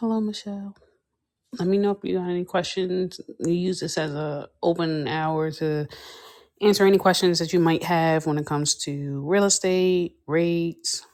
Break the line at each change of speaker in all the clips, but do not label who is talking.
Hello, Michelle. Let me know if you got any questions. We use this as a open hour to answer any questions that you might have when it comes to real estate rates.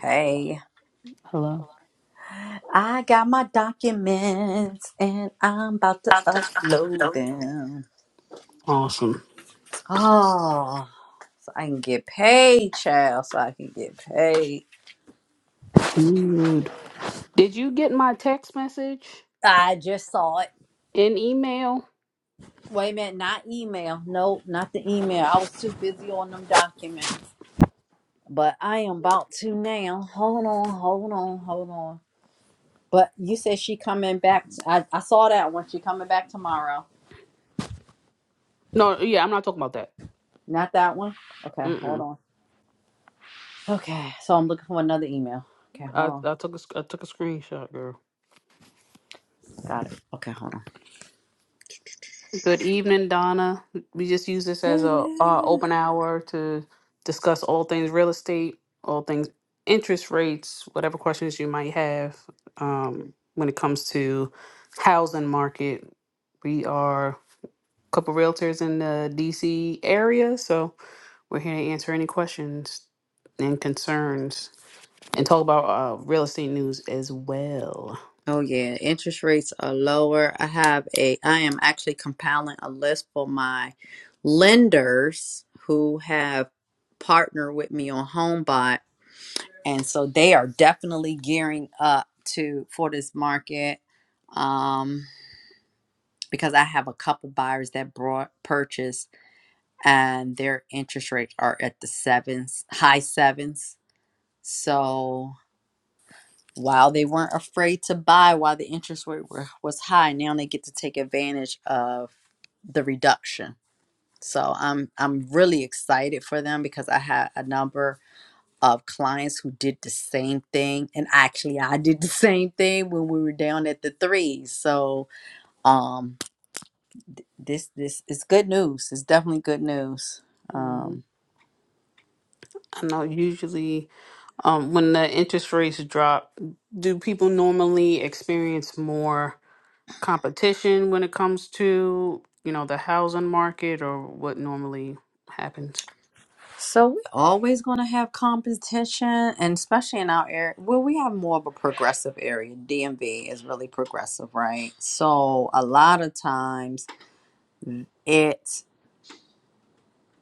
Hey,
Hello.
I got my documents and I'm about to upload
Hello.
them.
Awesome.
Oh, so I can get paid, child, so I can get paid.
Good. Did you get my text message
I just saw it.
and email?
Wait a minute, not email. Nope, not the email. I was too busy on them documents. But I am about to now. Hold on, hold on, hold on. But you said she coming back. I, I saw that one. She coming back tomorrow.
No, yeah, I'm not talking about that.
Not that one? Okay, hold
Mm-mm.
on. Okay, so I'm looking for another email. Okay,
I,
hold on.
I took a, sc- I took a screenshot, girl.
Got it. Okay, hold on.
Good evening, Donna. We just use this as a uh,
Hello.
open hour to discuss all things real estate, all things interest rates, whatever questions you might have um, when it comes to housing market. We are a couple realtors in the DC area, so we're here to answer any questions and concerns and talk about uh, real estate news as well.
Oh yeah, interest rates are lower. I have a I am actually compiling a list for my lenders who have partnered with me on HomeBot and so they are definitely gearing up to for this market um because I have a couple buyers that brought purchase and their interest rates are at the sevens, high sevens So while they weren't afraid to buy while the interest rate were, was high, now they get to take advantage of the reduction. So I'm I'm really excited for them because I had a number of clients who did the same thing and actually I did the same thing when we were down at the threes. So um this this is good news. It's definitely good news. Um.
hmm I know usually um, when the interest rates drop, do people normally experience more competition when it comes to, you know, the housing market or what normally happens?
So we're always going to have competition, and especially in our area, well, we have more of a progressive area. DMV is really progressive, right? So a lot of times it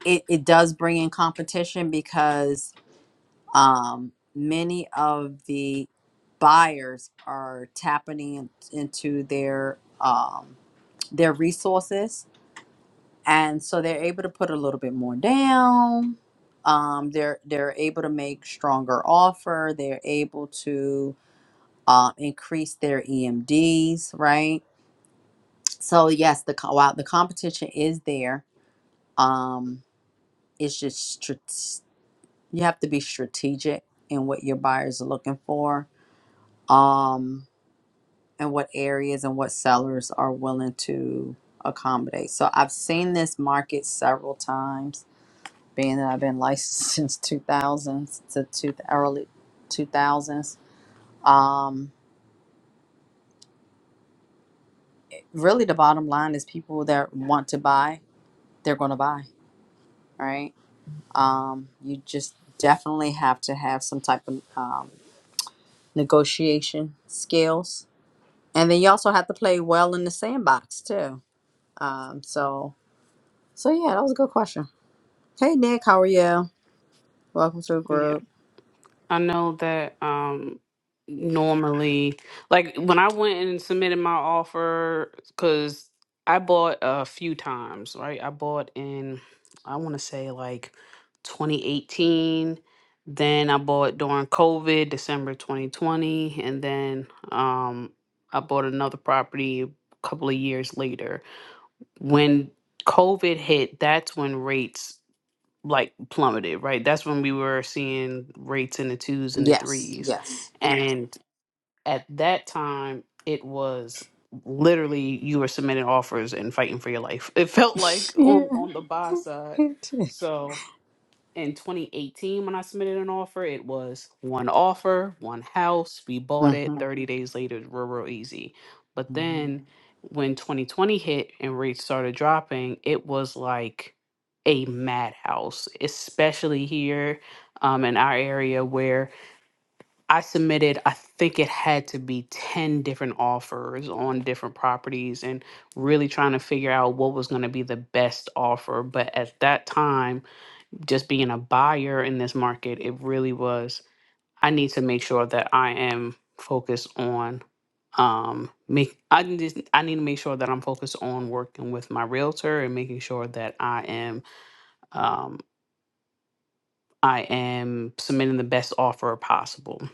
it, it does bring in competition because um, many of the buyers are tapping in, into their um, their resources and so they're able to put a little bit more down um, they're they're able to make stronger offer they're able to uh, increase their emds right so yes the co- while the competition is there um, it's just strat- you have to be strategic in what your buyers are looking for um, and what areas and what sellers are willing to accommodate so i've seen this market several times being that I've been licensed since two thousands to two, early 2000s. Um, really, the bottom line is people that want to buy, they're going to buy, right? Um, you just definitely have to have some type of um, negotiation skills. And then you also have to play well in the sandbox, too. Um, so, so yeah, that was a good question. Hey, Nick, how are you? Welcome to the
Yeah.
group.
I know that um normally like when I went and submitted my offer cuz I bought a few times, right? I bought in I want to say like 2018, then I bought during COVID, December 2020, and then um I bought another property a couple of years later. When COVID hit, that's when rates like plummeted, right? That's when we were seeing rates in the twos and the
Yes,
threes.
yes.
And at that time, it was literally you were submitting offers and fighting for your life. It felt like
Yeah.
on on the buy side. So in 2018 when I submitted an offer, it was one offer, one house. We bought it. 30 days later, it was real, real easy. But
hmm
then when 2020 hit and rates started dropping, it was like a madhouse, especially here um, in our area where I submitted, I think it had to be 10 different offers on different properties and really trying to figure out what was going to be the best offer. But at that time, just being a buyer in this market, it really was. I need to make sure that I am focused on um make I need to- I need to make sure that I'm focused on working with my realtor and making sure that I am um I am submitting the best offer possible.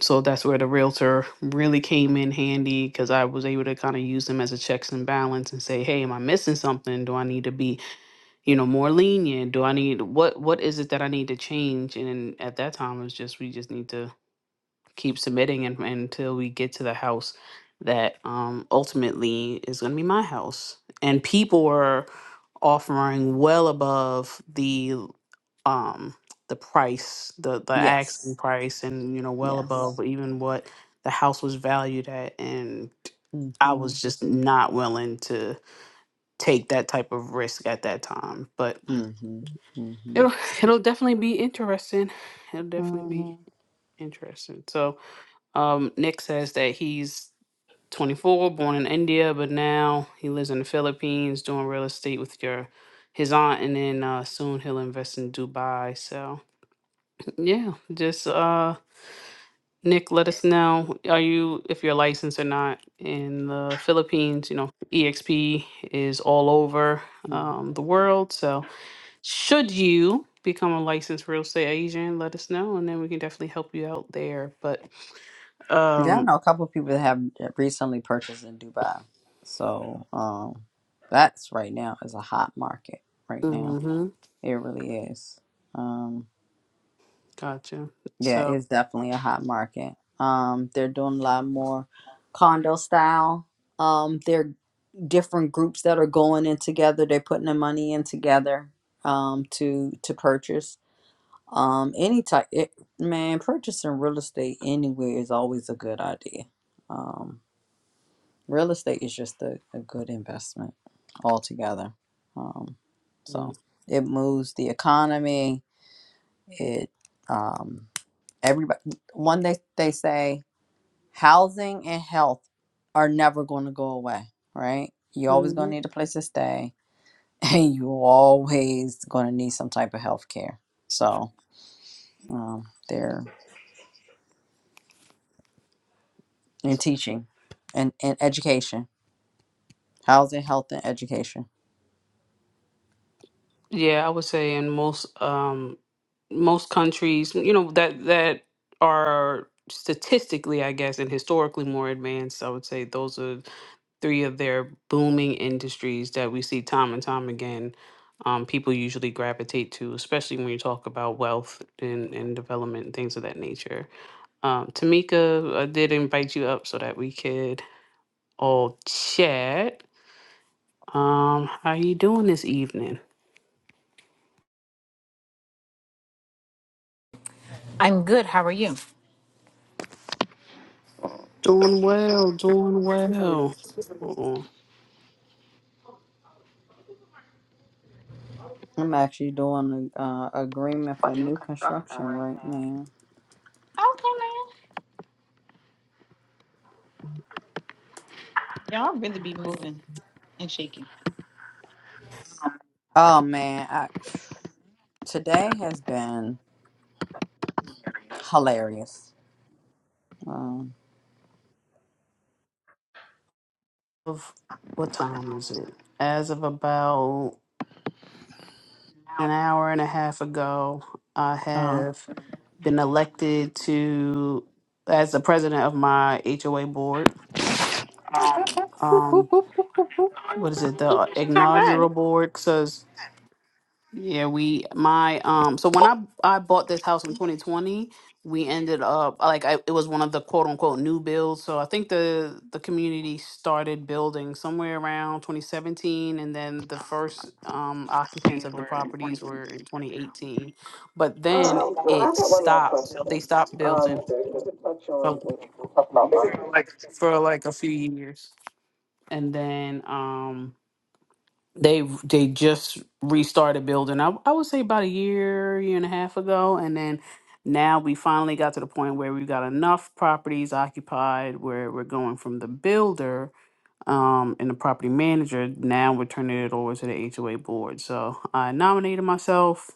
So that's where the realtor really came in handy because I was able to kind of use them as a checks and balance and say, hey, am I missing something? Do I need to be you know more lenient do i need what what is it that i need to change and then at that time it's just we just need to keep submitting and, until we get to the house that um ultimately is going to be my house and people were offering well above the um the price the the
Yes.
asking price and you know well
Yes.
above even what the house was valued at and i
Mm-hmm.
was just not willing to take that type of risk at that time but
Mm-hmm. Mm-hmm.
It'll it'll definitely be interesting. It'll definitely
Mm-hmm.
be interesting. So, um, Nick says that he's 24, born in India, but now he lives in the Philippines, doing real estate with your his aunt, and then uh, soon he'll invest in Dubai. So, yeah, just uh, Nick, let us know are you if you're licensed or not in the Philippines. You know, EXP is all over
Mm-hmm.
um, the world, so should you become a licensed real estate agent, let us know, and then we can definitely help you out there. But
Yeah, I
um,
know a couple of people that have recently purchased in Dubai. So um, that's right now is a hot market right now.
hmm
It really is. Um,
gotcha.
yeah,
So,
it's definitely a hot market. Um, they're doing a lot more condo style. Um, there are different groups that are going in together. They're putting their money in together um, to to purchase. Um, any type, it, man, purchasing real estate anywhere is always a good idea. Um, real estate is just a, a good investment altogether. Um,
hmm
so it moves the economy. It, um, everybody, one day they say housing and health are never going to go away, right? You're always going to need a place to stay, and you're always going to need some type of health care. So, um, they're. in teaching and, and education, housing, health, and education.
Yeah, I would say in most um most countries, you know, that that are statistically, I guess, and historically more advanced, I would say those are three of their booming industries that we see time and time again. Um, people usually gravitate to, especially when you talk about wealth and, and development and things of that nature. Um, Tamika, I did invite you up so that we could all chat. Um, how you doing this evening?
I'm good. How are you? Okay,
Doing well, doing well. Uh-uh.
I'm actually doing a uh, agreement for new construction right now.
man. Y'all really be moving and shaking.
Oh man, I, today has been hilarious. Um,
Of what time is it? As of about an hour and a half ago, I
uh,
have been elected to as the president of my HOA board.
Boop, boop,
Um,
boop, boop, boop, boop.
what is it? The
Not bad.
inaugural board, Yeah, we my um so when I I bought this house in 2020, we ended up like I it was one of the quote unquote new builds. So I think the the community started building somewhere around 2017 and then the first um occupants of the properties were in 2018. But then it stopped. They stopped building for, for like a few years. And then um They they just restarted building. I I would say about a year, year and a half ago, and then now we finally got to the point where we've got enough properties occupied where we're going from the builder um and the property manager. Now we're turning it over to the HOA board. So I nominated myself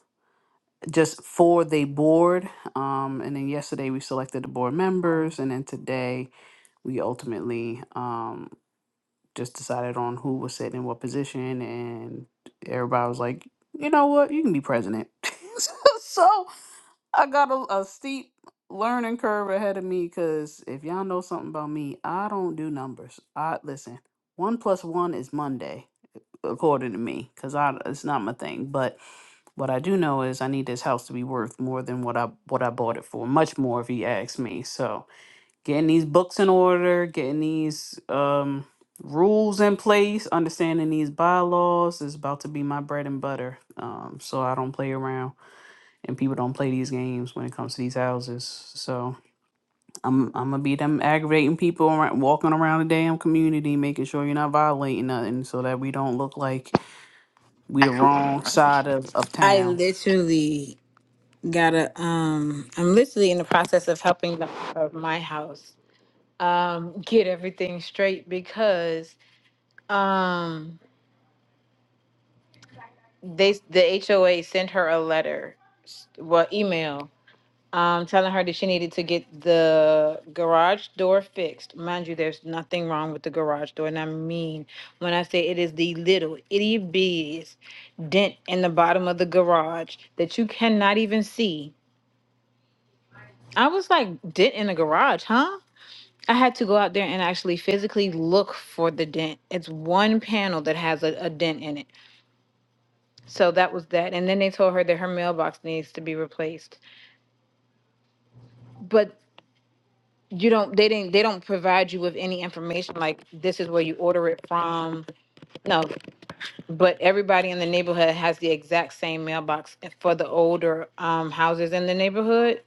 just for the board. Um and then yesterday we selected the board members and then today we ultimately um, just decided on who was sitting in what position, and everybody was like, you know what, you can be president. so so I got a, a steep learning curve ahead of me because if y'all know something about me, I don't do numbers. I listen. One plus one is Monday, according to me, because I it's not my thing. But what I do know is I need this house to be worth more than what I what I bought it for, much more if you ask me. So getting these books in order, getting these um, rules in place, understanding these bylaws is about to be my bread and butter. Um, so I don't play around, and people don't play these games when it comes to these houses. So I'm I'm gonna be them aggravating people around, walking around the damn community, making sure you're not violating nothing, so that we don't look like we the wrong side of of
I
town.
literally gotta um I'm literally in the process of helping the of my house um get everything straight because um they the HOA sent her a letter, well email um, telling her that she needed to get the garage door fixed. Mind you, there's nothing wrong with the garage door, and I mean when I say it is the little itty bitty dent in the bottom of the garage that you cannot even see. I was like, dent in the garage, huh? I had to go out there and actually physically look for the dent. It's one panel that has a, a dent in it. So that was that. And then they told her that her mailbox needs to be replaced. But you don't they didn't they don't provide you with any information like this is where you order it from no but everybody in the neighborhood has the exact same mailbox for the older um houses in the neighborhood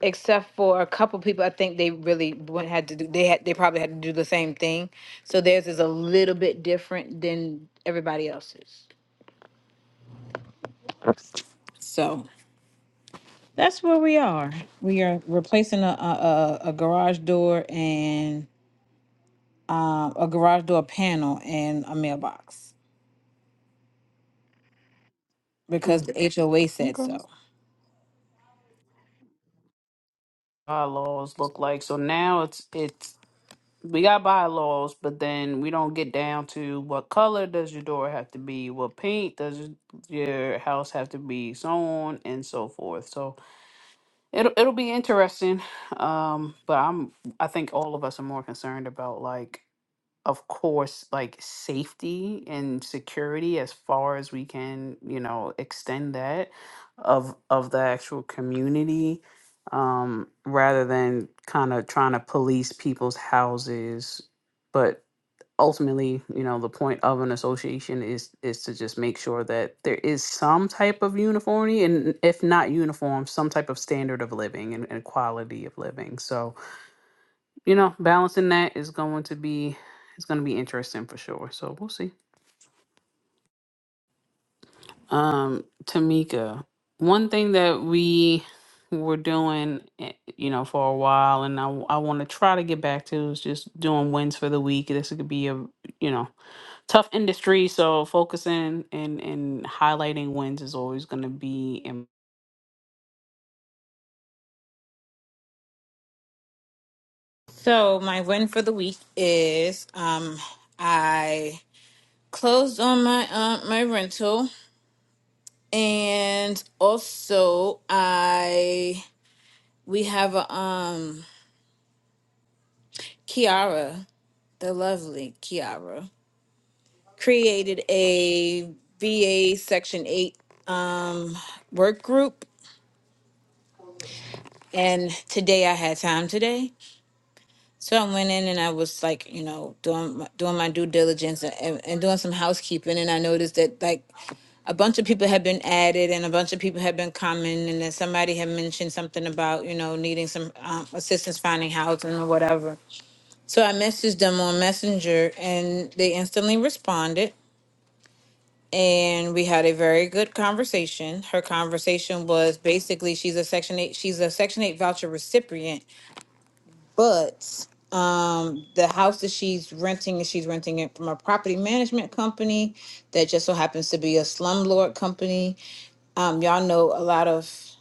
except for a couple people i think they really went had to do they had they probably had to do the same thing so theirs is a little bit different than everybody else's so that's where we are we are replacing a a, a a garage door and um, a garage door panel and a mailbox because
Hmm.
the HOA said
Okay.
so.
Bylaws look like so now it's it's we got bylaws, but then we don't get down to what color does your door have to be, what paint does y- your house have to be, so on and so forth. So it'll it'll be interesting. Um, but I'm I think all of us are more concerned about like of course, like safety and security as far as we can, you know, extend that of of the actual community, um, rather than kind of trying to police people's houses. But ultimately, you know, the point of an association is is to just make sure that there is some type of uniformity, and if not uniform, some type of standard of living and, and quality of living. So, you know, balancing that is going to be it's going to be interesting for sure. So we'll see. Um, Tamika, one thing that we were doing, eh, you know, for a while, and I want to try to get back to is just doing wins for the week. This could be a you know tough industry, so focusing and and highlighting wins is always going to be. Im-
So my win for the week is um I closed on my um my rental and also I we have a um Kiara, the lovely Kiara, created a VA section eight um work group and today I had time today So I went in and I was like, you know, doing my, doing my due diligence and, and doing some housekeeping, and I noticed that like a bunch of people had been added and a bunch of people had been coming, and then somebody had mentioned something about you know needing some um, assistance finding housing or whatever. So I messaged them on Messenger, and they instantly responded, and we had a very good conversation. Her conversation was basically she's a Section Eight she's a Section Eight voucher recipient, but um the house that she's renting she's renting it from a property management company that just so happens to be a slumlord company um y'all know a lot of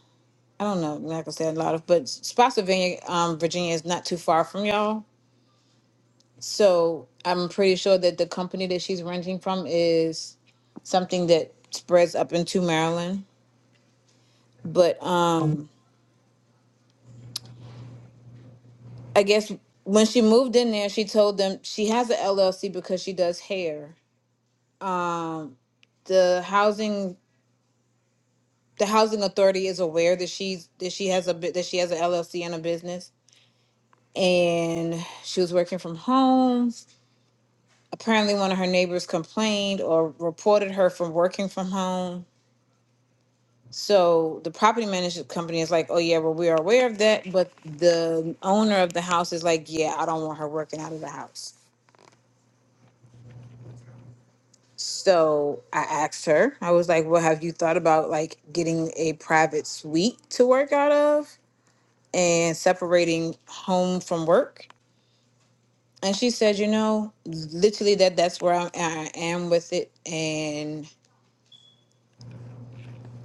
i don't know i'm not gonna say a lot of but spotsylvania um virginia is not too far from y'all so i'm pretty sure that the company that she's renting from is something that spreads up into maryland but um i guess when she moved in there she told them she has an llc because she does hair Um, the housing the housing authority is aware that she's that she has a bit that she has an LLC and a business and she was working from home. Apparently one of her neighbors complained or reported her from working from home. So the property management company is like, "Oh yeah, well we are aware of that, but the owner of the house is like, "Yeah, I don't want her working out of the house." So I asked her. I was like, "Well, have you thought about like getting a private suite to work out of?" and separating home from work. And she said, you know, literally that that's where I'm, I am with it. And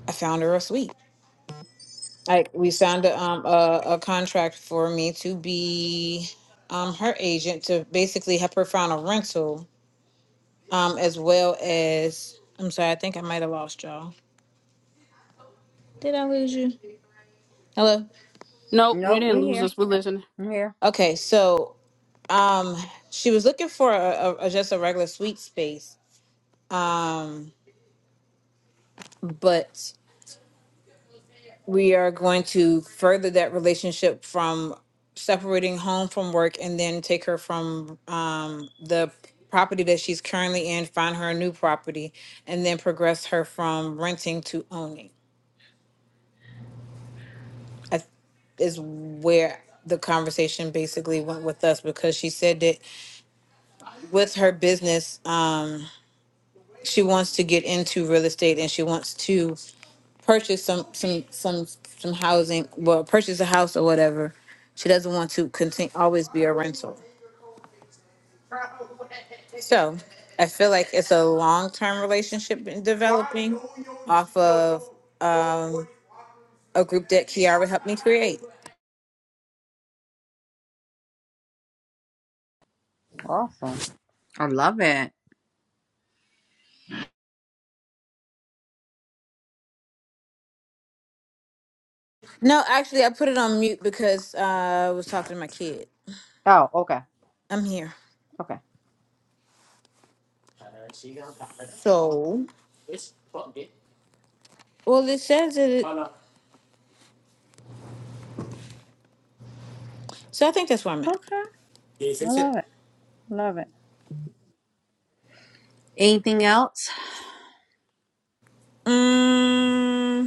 I found her a suite. Like we signed a, um, a, a contract for me to be um, her agent to basically help her find a rental um, as well as, I'm sorry, I think I might have lost y'all. Did I lose you? Hello?
nope, you
nope, we
didn't lose
here.
us. We're listening.
I'm here.
Okay, so um, she was looking for a, a, a- just a regular suite space, but we are going to further that relationship from separating home from work and then take her from um, the property that she's currently in, find her a new property, and then progress her from renting to owning. I, th- is where the conversation basically went with us because she said that with her business. Um, She wants to get into real estate and she wants to purchase some some some some housing, well, purchase a house or whatever. She doesn't want to continue always be a rental. So I feel like it's a long term relationship in developing off of a group that Kiara helped me create.
Awesome. I love it.
No, actually, I put it on mute because uh, I was talking to my kid.
Oh, okay,
I'm here.
okay.
So, well, it says that. It, so I think that's where I'm at.
Okay. I love it. Love it. Anything else?
Um.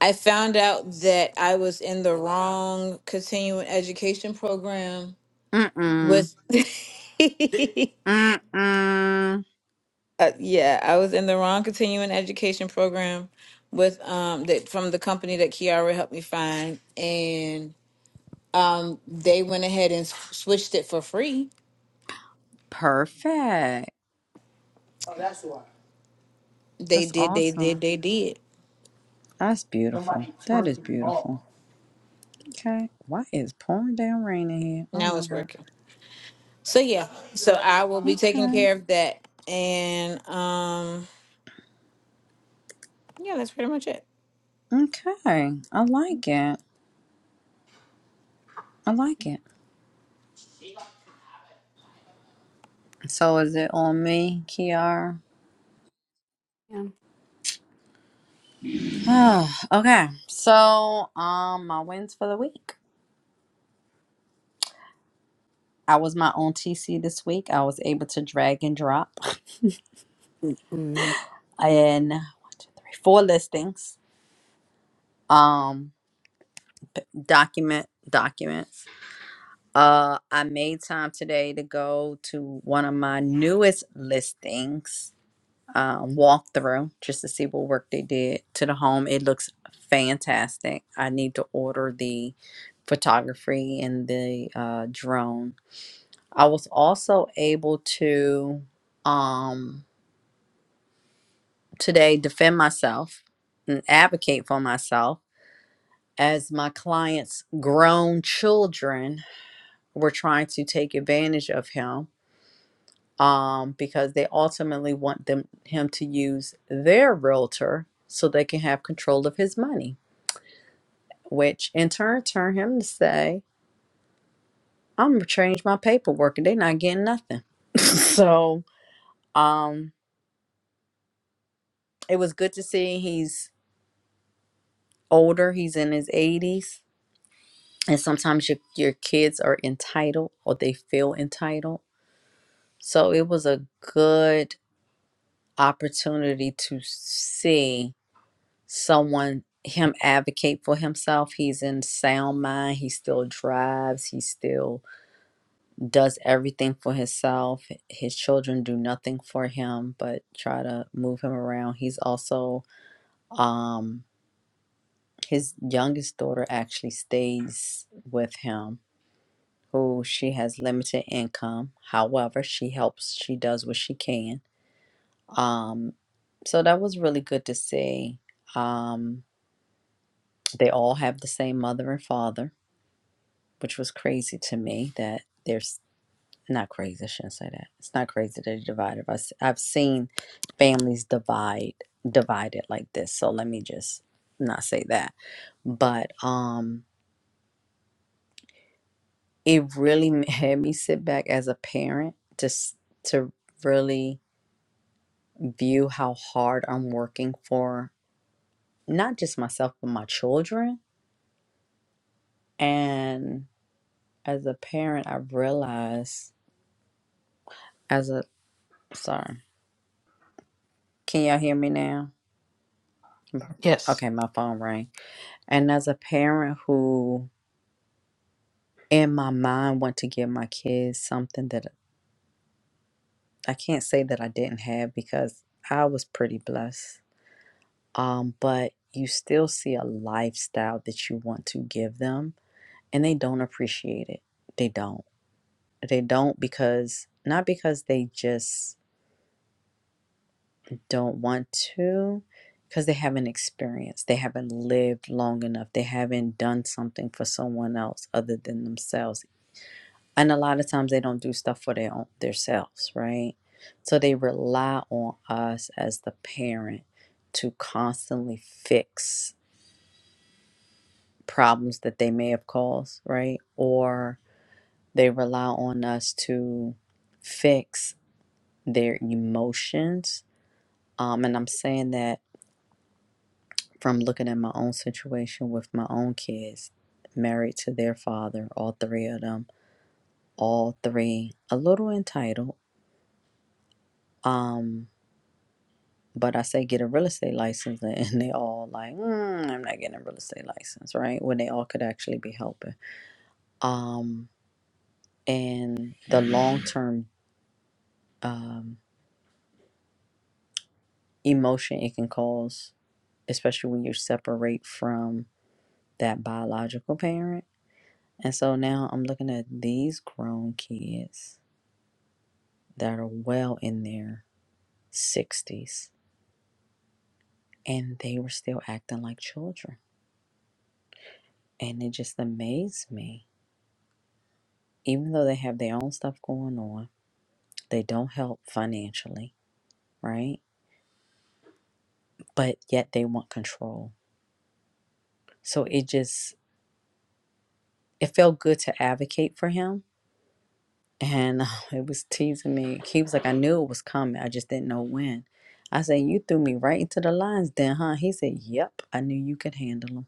I found out that I was in the wrong continuing education program
Mm mm.
with
Mm mm.
uh, yeah, I was in the wrong continuing education program with um that from the company that Kiara helped me find and um they went ahead and s- switched it for free.
Perfect.
They
That's
did, they
awesome.
did, they did.
That's beautiful. That is beautiful. Okay. Why is pouring down rain in here? Oh
Now
my
it's
god.
working. So yeah, so I will be taking
Okay.
care of that and um yeah, that's pretty much it.
Okay. I like it. I like it. So is it on me, Kiara?
Yeah.
Oh, okay. So um my wins for the week. I was my own TC this week. I was able to drag and drop
Mm,
and three, four listings. Um document document. Uh, I made time today to go to one of my newest listings, um, walk through just to see what work they did to the home. It looks fantastic. I need to order the photography and the uh, drone. I was also able to um, today defend myself and advocate for myself as my client's grown children were trying to take advantage of him um, because they ultimately want them him to use their realtor so they can have control of his money, which in turn turn him to say, "I'm gonna change my paperwork, and they're not getting nothing." so um, it was good to see he's older; he's in his 80s, and sometimes your your kids are entitled or they feel entitled. So it was a good opportunity to see someone him advocate for himself he's in sound mind he still drives he still does everything for himself his children do nothing for him but try to move him around he's also um his youngest daughter actually stays with him who she has limited income however she helps she does what she can um so that was really good to see um they all have the same mother and father which was crazy to me that there's not crazy, I shouldn't say that. It's not crazy that they divided us. I've seen families divide divided like this. So let me just not say that. But um it really m- had me sit back as a parent just to really view how hard I'm working for not just myself but my children. And as a parent I realized as a sorry. Can y'all hear me now?
Yes,
Okay, my phone rang. And as a parent who, in my mind, want to give my kids something that I can't say that I didn't have because I was pretty blessed. Um, but you still see a lifestyle that you want to give them, and they don't appreciate it. They don't. They don't because not because they just don't want to, because they haven't experienced, they haven't lived long enough, they haven't done something for someone else other than themselves and a lot of times they don't do stuff for their own their selves, right so they rely on us as the parent to constantly fix problems that they may have caused right or they rely on us to fix their emotions um, and i'm saying that from looking at my own situation with my own kids married to their father all three of them all three a little entitled um But I say get a real estate license, and they all like, mm, I'm not getting a real estate license, right? When they all could actually be helping. Um, and the long term um, emotion it can cause, especially when you separate from that biological parent. And so now I'm looking at these grown kids that are well in their 60s, and they were still acting like children. And it just amazed me, even though they have their own stuff going on They don't help financially, right? But yet they want control. So it just it felt good to advocate for him. And it was teasing me. He was like, I knew it was coming. I just didn't know when. I said, You threw me right into the lines then, huh? He said, Yep, I knew you could handle them.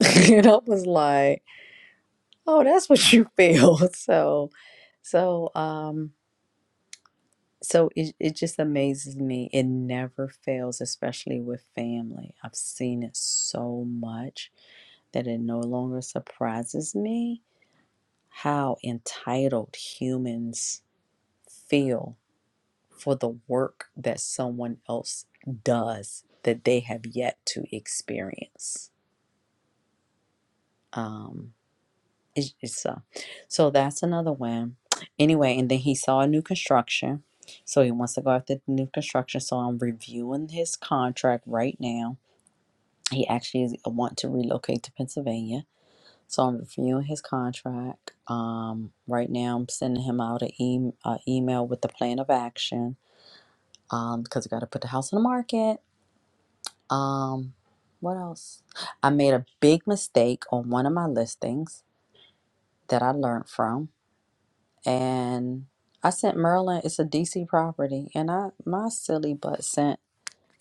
and I was like, Oh, that's what you feel. So so um so it, it just amazes me. It never fails, especially with family. I've seen it so much that it no longer surprises me how entitled humans feel for the work that someone else does that they have yet to experience. Um, it's, it's uh, so that's another one. Anyway, and then he saw a new construction. So he wants to go after the new construction. So I'm reviewing his contract right now. He actually is- uh, want to relocate to Pennsylvania So I'm reviewing his contract. Um, right now, I'm sending him out an e- a email with the plan of action um, because I got to put the house on the market. Um, what else? I made a big mistake on one of my listings that I learned from, and I sent Merlin. It's a DC property, and I my silly butt sent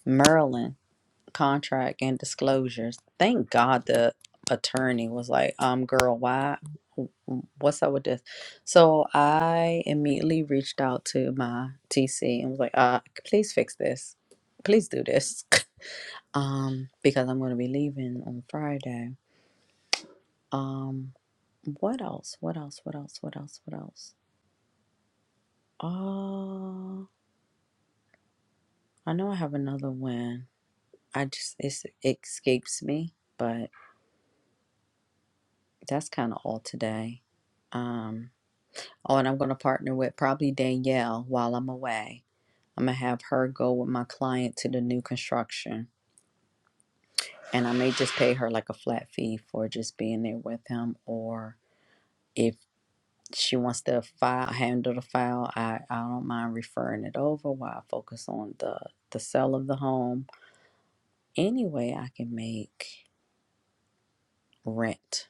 Merlin contract and disclosures. Thank God the attorney was like, um, girl, why? What's up with this? So I immediately reached out to my TC and was like, uh, please fix this. Please do this. um, because I'm going to be leaving on Friday. Um, what else? What else? What else? What else? What else? Uh, I know I have another one. I just, it's, it escapes me, but." that's kind of all today. Um, oh, and I'm going to partner with probably Danielle while I'm away. I'm going to have her go with my client to the new construction. And I may just pay her like a flat fee for just being there with him. Or if she wants to file, handle the file, I, I don't mind referring it over while I focus on the, the sale of the home. Any way I can make rent,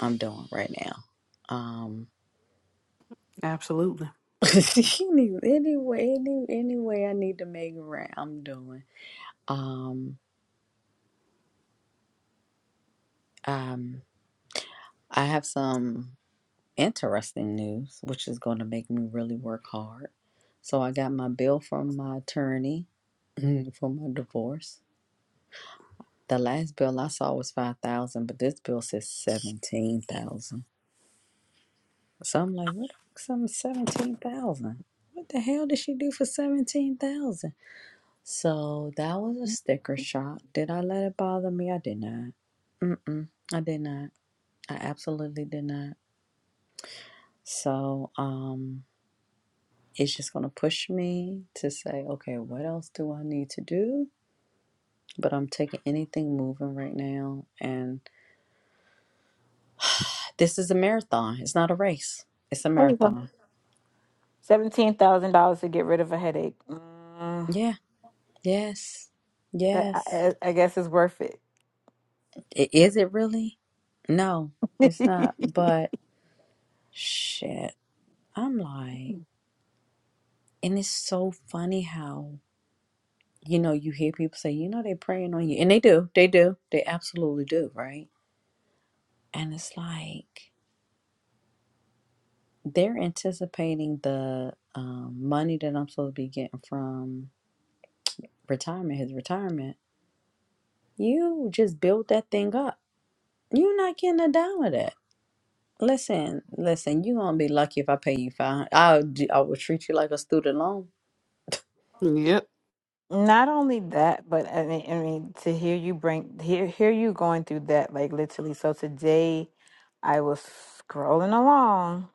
I'm doing right now. Um,
absolutely.
any anyway, any any I need to make it right, I'm doing. Um, um, I have some interesting news, which is going to make me really work hard. So I got my bill from my attorney for my divorce. The last bill I saw was five thousand, but this bill says seventeen thousand. So I'm like, what? Some seventeen thousand. What the hell did she do for seventeen thousand? So that was a sticker shock. Did I let it bother me? I did not. Mm-mm. I did not. I absolutely did not. So um it's just gonna push me to say, okay, what else do I need to do? But I'm taking anything moving right now and this is a marathon. It's not a race. It's a marathon.
Seventeen thousand dollars to get rid of a headache. Mm,
Yeah. Yes.
I,
Yes.
I, I guess it's worth it.
I- Is it really? No, it's not. But shit. I'm like And it's so funny how, you know, you hear people say, you know, they're praying on you. And they do. They do. They absolutely do, right? And it's like they're anticipating the um, money that I'm supposed to be getting from retirement, his retirement. You just build that thing up. You're not getting a dime of that. Listen, listen, you're going to be lucky if I pay you 500 I'll, do- I will treat you like a student loan
Yep,
Not only that, but I mean, I mean, to hear you bring hear hear you going through that, like literally. So today, I was scrolling along,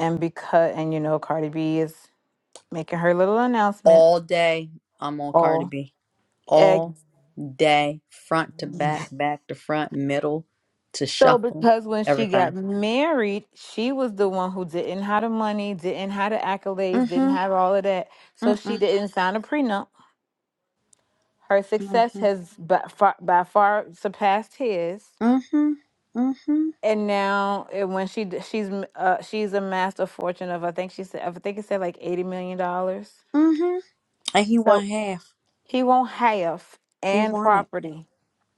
and because and you know Cardi B is making her little announcements.
all day. I'm on Cardi
Oh,
B. all
ex-
day, front to back, back to front, middle to
So
shuffle,
because when she got
everything.
married, she was the one who didn't have the money, didn't have the accolades, didn't
Mm-hmm.
have all of that. So she
Mm-mm.
didn't sign a prenup. Her success
Mm-hmm.
has by far, by far surpassed his.
Mm-hmm. Mm-hmm.
And now, and when she d- she's m- uh, she's amassed a fortune of I think she said I think it said like eighty million dollars.
Mm-hmm. And he
So
won half.
he won't have
He
and
won it.
property.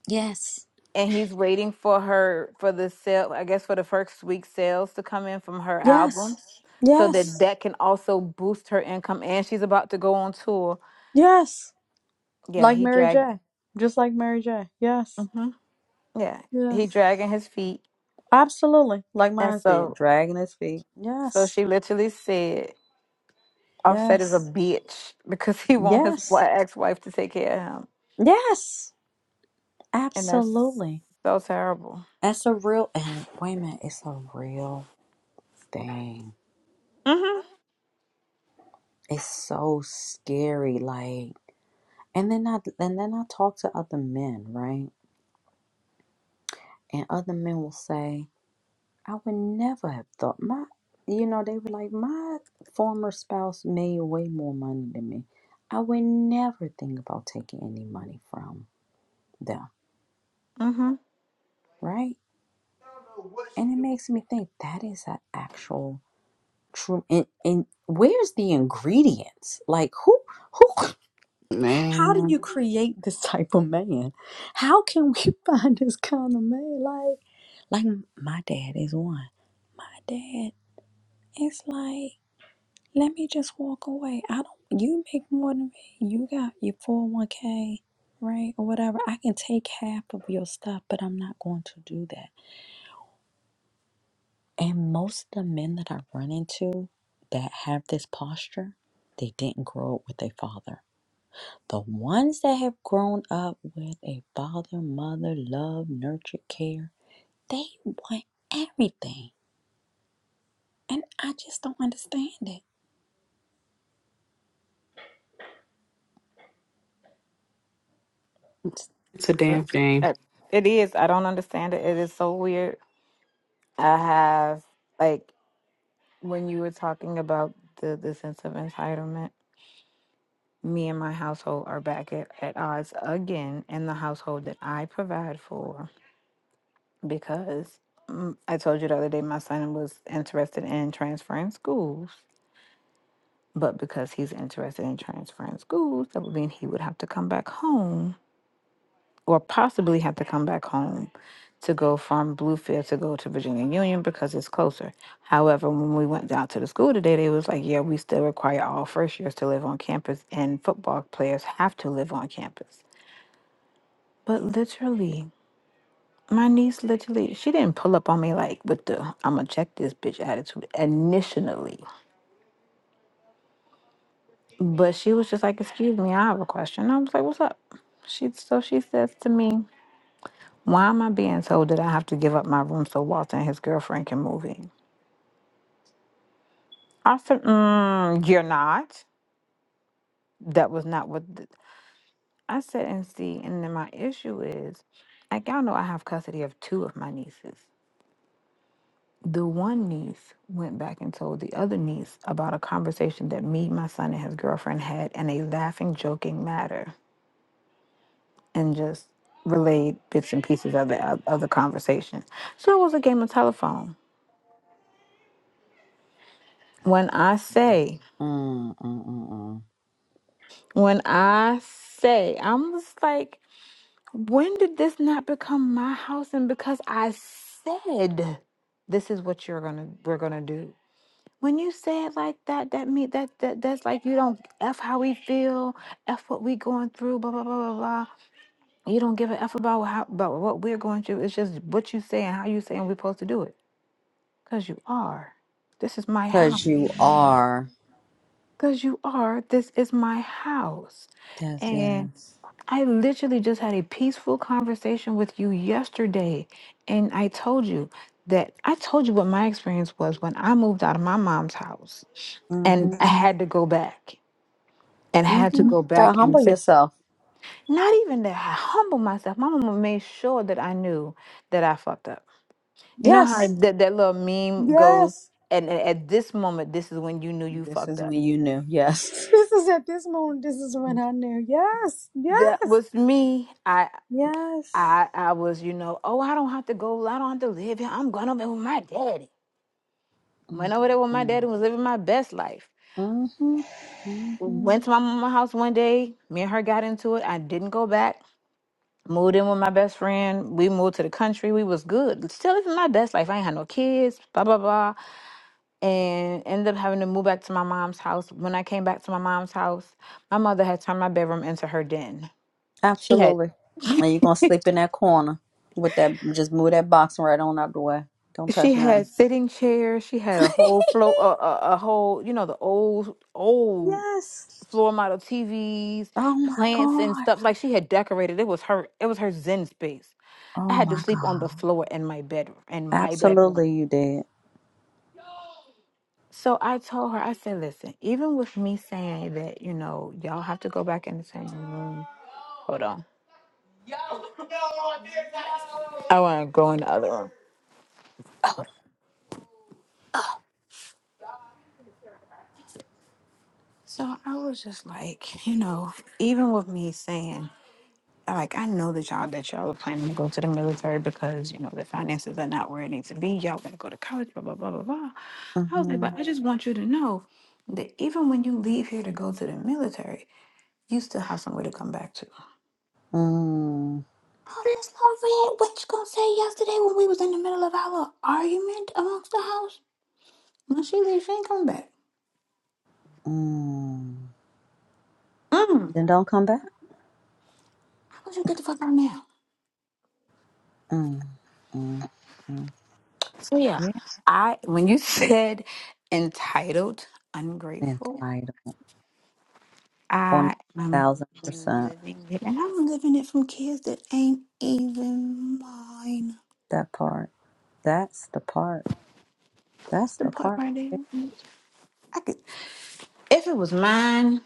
Yes.
and he's waiting for her for the sale i guess for the first week sales to come in from her
Yes.
albums so that
Yes.
that can also boost her income and she's about to go on tour
Yes.
yeah
Like
he
Mary
dragged
J. Just like Mary J. Yes.
hmm yeah he
Yes.
dragging his feet
Absolutely. Like
and
mine did.
so
Dragging his feet.
so
Yes.
she literally said offset is a
Yes.
bitch because he want his
Yes.
ex-wife to take care of him
Yes.
and that's
Absolutely.
so terrible
That's a real and wait a minute, it's a real thing.
mm-hmm
It's so scary, like and then I and then I talk to other men, right? And other men will say, I would never have thought my you know, they were like, My former spouse made way more money than me. I would never think about taking any money from them,
mm-hmm
right? And it makes me think that is an actual true and, and where's the ingredients? Like who who How do you
man.
create this type of man? How can we find this kind of man? Like, like my dad is one. My dad is like, let me just walk away. I don't. You make more than me. You got your four hundred one k, right, or whatever. I can take half of your stuff, but I'm not going to do that. And most of the men that I run into that have this posture, they didn't grow up with their father The ones that have grown up with a father, mother, love, nurture, care, they want everything. And I just don't understand it.
It's a damn shame.
it it is i don't understand it it is so weird i have like when you were talking about the, the sense of entitlement, me and my household are back at, at odds again in the household that I provide for because mm, I told you the other day my son was interested in transferring schools. But because he's interested in transferring schools, that would mean he would have to come back home or possibly have to come back home to go from Bluefield to go to Virginia Union because it's closer. However, when we went down to the school today, they was like, yeah, we still require all first years to live on campus and football players have to live on campus. But literally, my niece literally, she didn't pull up on me like with the I'm gonna check this bitch attitude initially. But she was just like, excuse me, I have a question. I was like, what's up? She so she says to me. Why am I being told that I have to give up my room so Walter and his girlfriend can move in? I said, mm, You're not. That was not what th- I said. And see, and then my issue is like, y'all know I have custody of two of my nieces. The one niece went back and told the other niece about a conversation that me, my son, and his girlfriend had in a laughing, joking matter and just relayed bits and pieces of the, of the conversation. So it was a game of telephone. When I
Mm,
say,
mm, mm, mm.
When I say, I'm just like, when did this not become my house? And because I said, this is what you're gonna, we're gonna do. When you say it like that, that mean that that that's like you don't f how we feel, f what we going through, blah blah blah blah blah. You don't give a f about how about what we're going through. It's just what you say and how you say and we're supposed to do it. Cause you are. This is my house.
Cause you are.
Cause you are. This is my house.
That's
and.
yes.
I literally just had a peaceful conversation with you yesterday, and I told you that I told you what my experience was when I moved out of my mom's house
Mm-hmm.
and I Mhm. had to go back and had to
Mm-hmm.
Mhm. go
Gotta
back and
humble
say,
yourself.
not even that I humble myself. My mama made sure that I knew that I fucked up. You know how Right.
Yes.
that, that little meme goes,
Yes.
and a- at this moment, this is when you knew you
This
fucked
is
up.
when you knew. Yes. this is at this moment. This is when I knew. Yes.
That
Yes.
was me.
Yes.
I I was, you know, oh, I don't have to go, I don't have to live here. I'm gonna live with my daddy. Went over there with my
Mm-hmm.
daddy, was living my best life.
Mm-hmm.
Went to my mama's house one day. Me and her got into it. I didn't go back. Moved in with my best friend. We moved to the country. We was good. Still living my best life. I ain't had no kids. Blah blah blah. And ended up having to move back to my mom's house. When I came back to my mom's house, my mother had turned my bedroom into her den. she had.
Absolutely. And you're gonna sleep in that corner with that just move that boxing right on out the way. Don't
She
touch
had
nothing.
sitting chairs. She had a whole floor, a, a, a whole, you know, the old, old
Yes.
floor model TVs,
Oh my
plants and
God.
stuff. Like she had decorated. It was her. It was her zen space. I
Oh
had to
my
sleep on the
God.
floor in my bedroom. In my bedroom.
Absolutely you did.
So I told her. I said, "Listen, even with me saying that, you know, y'all have to go back in the same room. Hold on. I want to go in the other room." So I was just like, you know, even with me saying. like I know that y'all that y'all are planning to go to the military because you know the finances are not where it needs to be. Y'all gonna go to college, blah blah blah blah blah. I was like,
Mm-hmm.
but I just want you to know that even when you leave here to go to the military, you still have somewhere to come back to.
Mm.
Oh, that's not fair. What you gonna say yesterday when we was in the middle of our little argument amongst the house? When she leaves, she ain't coming back.
Mm.
Mm.
Then don't come back.
How about you get the fuck out now?
Mm. Mm. Mm.
So yeah,
Yeah.
I when you said entitled, ungrateful.
Entitled. On a
I am
thousand percent.
living it, and I'm living it from kids that ain't even mine.
That part. That's the part.
That's
That's
the
the
part
part.
right there. I could, if it was mine,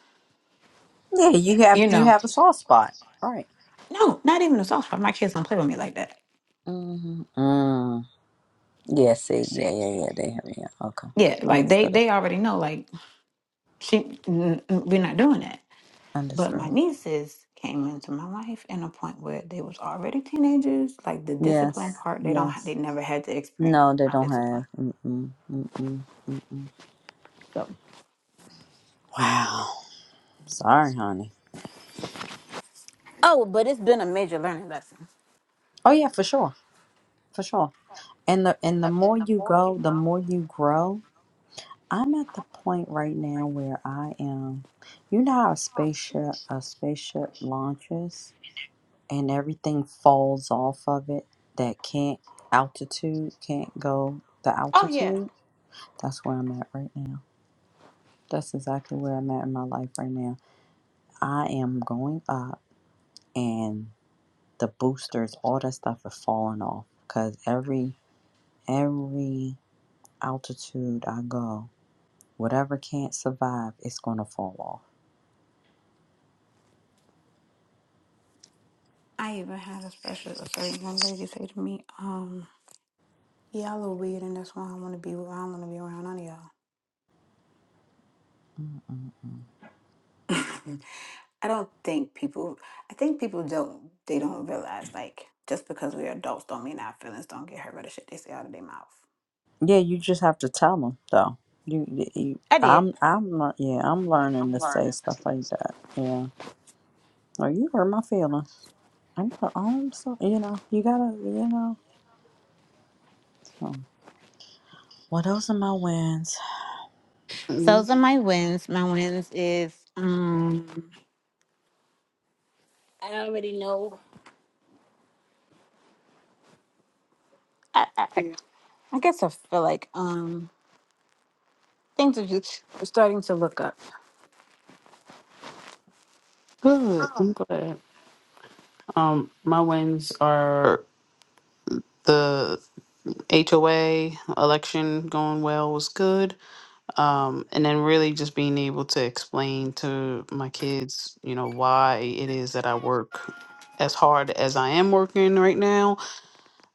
Yeah, you have
you
you
know,
have a soft spot. Right.
no, not even a soft spot. My kids don't play with me like that.
Mm, mm. Yeah, see, yeah, yeah, yeah. They have, yeah. Okay.
Yeah, like they
Understood.
they already know. Like she, n- n- we're not doing that. But my
Understood.
nieces came into my life in a point where they was already teenagers. Like the discipline
Yes,
part, they don't, ha- they
yes.
never had to
No,
experience
they
my
don't
discipline.
have. Mm-mm, mm-mm, mm-mm. Wow. Sorry, honey.
Oh, but it's been a major learning lesson.
Oh yeah, for sure, for sure. And the and the more you go, the more you grow. I'm at the point right now where I am. You know how a spaceship a spaceship launches. and everything falls off of it that can't altitude can't go the
Oh yeah,
altitude that's where i'm at right now that's exactly where i'm at in my life right now i am going up and the boosters all that stuff is falling off because every every altitude i go whatever can't survive it's going to fall off
I even had a special a certain young lady say to me, um, y'all are weird and that's why I wanna be I don't wanna be around none of y'all. I don't think people I think people don't they don't realize like just because we're adults don't mean our feelings don't get hurt by the shit they say out of their mouth.
yeah you just have to tell them though you, you
I did.
i'm i'm not yeah i'm learning to say stuff like that Yeah. Oh, you hurt my feelings. I'm, I'm so, you know, you gotta, you know. So. Well, those are my wins.
So
Mm,
those are my wins. My wins is um I, I, I I guess I feel like um things are just starting to look up.
Good. I'm glad. Um, my wins are the HOA election going well was good. Um, and then really just being able to explain to my kids, you know, why it is that I work as hard as I am working right now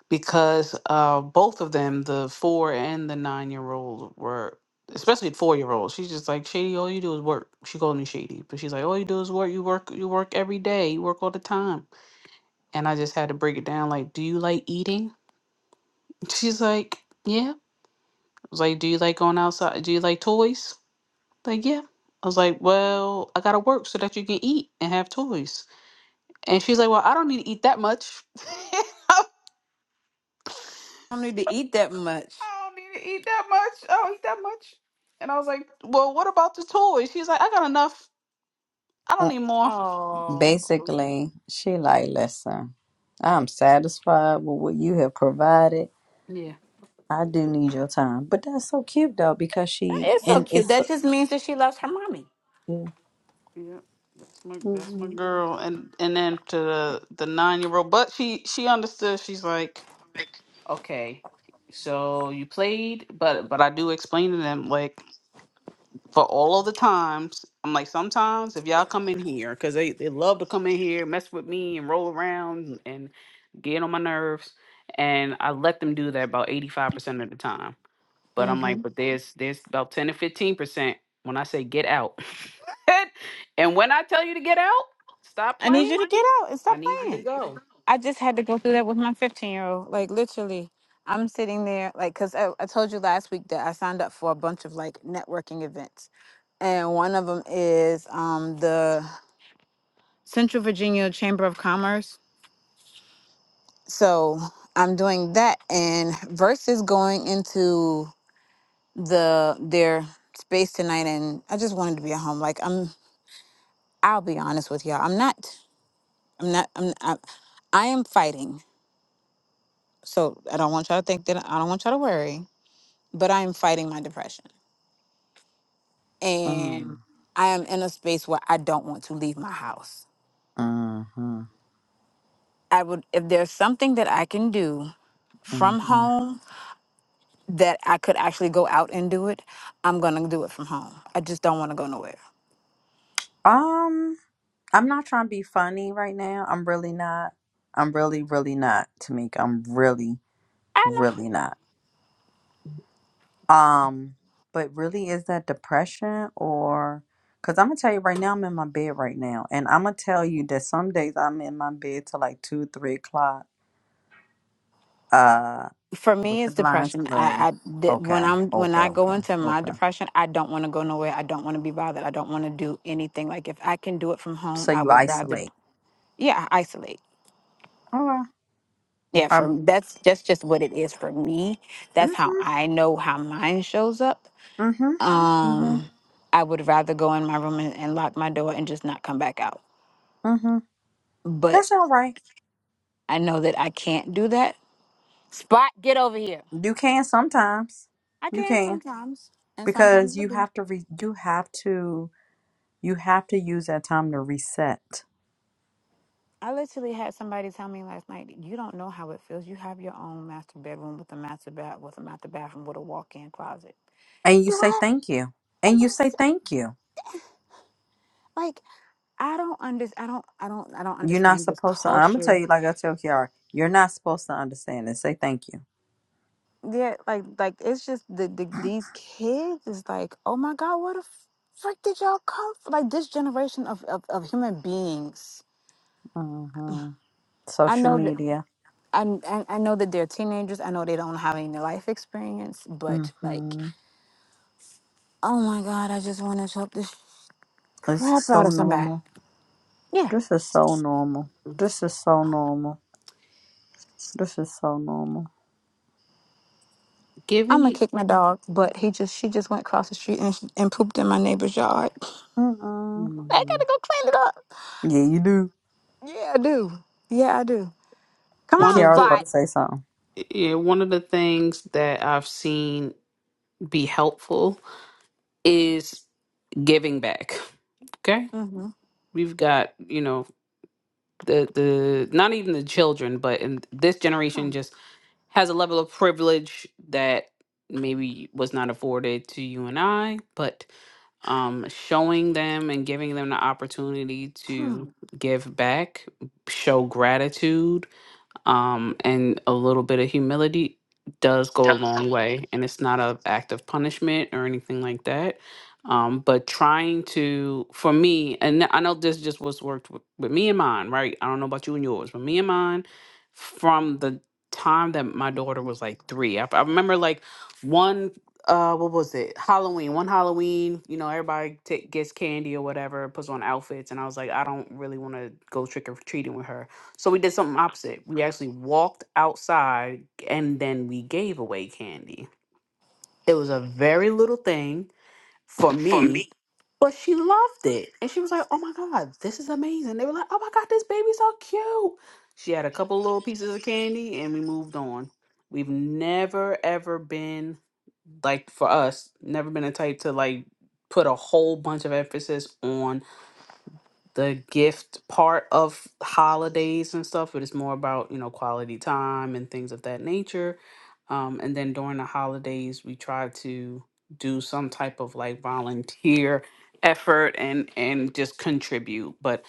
because uh, both of them, the four and the nine year old, were especially the four year old. She's just like shady. All you do is work. She called me shady, but she's like, all you do is work. You work. You work every day. You work all the time. And I just had to break it down like, do you like eating? She's like, yeah. I was like, do you like going outside? Do you like toys? Like, yeah. I was like, well, I gotta work so that you can eat and have toys. And she's like, well, I don't need to eat that much. I
I don't need to eat that much.
don't need to eat that much. I don't eat that much. And I was like, well, what about the toys? She's like, I got enough. I don't
Uh,
need more.
Oh.
basically, she like, listen, I'm satisfied with what you have provided.
Yeah.
I do need your time, but that's so cute though because she
It's so
and
cute.
it's.
That just means that she loves her mommy.
Mm-hmm.
Yeah. That's my that's my girl. And and then to the the nine year old, but she she understood. She's like. Okay, so you played, but but I do explain to them like for all of the times. I'm like sometimes if y'all come in here because they they love to come in here, mess with me and roll around and get on my nerves, and I let them do that about 85 percent of the time. But I'm like, but there's there's about 10 to 15 percent when I say get out, and when I tell you to get out, stop
I need
playing.
you to get out and
I
stop
need you to
playing.
go.
I just had to go through that with my 15 year old. Like, literally, I'm sitting there, like, because I, I told you last week that I signed up for a bunch of like networking events. And one of them is um, the Central Virginia Chamber of Commerce. So I'm doing that. And versus going into the their space tonight and I just wanted to be at home. Like I'm I'll be honest with y'all. I'm not. I'm not. I'm. I, I am fighting. So I don't want y'all to think that. I don't want y'all to worry. But I am fighting my depression, and
Mm,
I am in a space where I don't want to leave my house.
mm-hmm,
I would, if there's something that I can do from
mm-hmm.
home that I could actually go out and do it, I'm gonna do it from home. I just don't want to go nowhere.
Um, I'm not trying to be funny right now. I'm really not. I'm really, really not, Tamika. I'm really,
I know.
really not. Um, but really, is that depression or? Cause I'm gonna tell you right now, I'm in my bed right now, and I'm gonna tell you that some days I'm in my bed till like two, three o'clock, uh,
For me,
with the
it's
blinds
depression. I,
closed.
I di- when
Okay,
I'm when
okay,
I go
okay,
into my
okay.
depression, I don't want to go nowhere. I don't want to be bothered. I don't want to do anything. Like if I can do it from home,
So
I
you
would rather
isolate.
yeah isolate
Okay.
yeah for
Um.
that's that's just what it is for me that's how
Mhm.
i know how mine shows up
Mhm. Mhm.
um i would rather go in my room and, and lock my door and just not come back out
Mhm.
but
That's all right.
i know that i can't do that spot get over here
You can sometimes.
i
You
can
can
sometimes and sometimes
because
i
you
do
have to. Re- you have to. You have to use that time to reset
i literally had somebody tell me last night you don't know how it feels you have your own master bedroom with a master bath with a master bathroom with a walk-in closet
And you
do
say
i
thank you.
and
And you
i
say
s-
thank you.
like I don't under I don't I don't I don't
You're not
understand this
supposed to. I'm gonna tell
culture.
you like I tell Kiara. You're not supposed to understand and say thank you.
Yeah, like like it's just the, the these kids is like, oh my god, where the frick did y'all come from? Like this generation of, of, of human beings.
hmm
I
Social
know that
media.
I, I I know that they're teenagers. I know they don't have any life experience, but like,
hmm
oh my god, I just want to choke this
This is
crap out
so
of somebody.
normal.
Yeah,
This is so normal. This is so normal. This is so normal.
I'm
Giving
gonna
you
kick my dog, but he just she just went across the street and and pooped in my neighbor's yard.
Mm-mm.
I gotta go clean it up.
Yeah, you do.
Yeah, I do. Yeah, I do. Come
one
on,
of
Kiara was
the
about
Spot.
to say something.
Yeah, one of the things that I've seen be helpful is giving back. Okay?
hmm
We've got, you know, the the not even the children, but in this generation just has a level of privilege that maybe was not afforded to you and I, but um showing them and giving them the opportunity
hmm
to give back, show gratitude, um, and a little bit of humility does go a long way and it's not a act of punishment or anything like that um, but trying to for me and i know this just what's worked with, with me and mine right i don't know about you and yours but me and mine from the time that my daughter was like three i, I remember like one uh what was it halloween one halloween you know everybody ta- gets candy or whatever puts on outfits and i was like i don't really want to go trick-or-treating with her so we did something opposite. We actually walked outside and then we gave away candy. It was a very little thing for me, but she loved it. And she was like, oh my God, this is amazing. They were like, oh my God, this baby's so cute. She had a couple little pieces of candy and we moved on. We've never, ever been, like for us, never been a type to like put a whole bunch of emphasis on the gift part of holidays and stuff, but it's more about, you know, quality time and things of that nature. Um, and then during the holidays, we try to do some type of like volunteer effort and and just contribute. But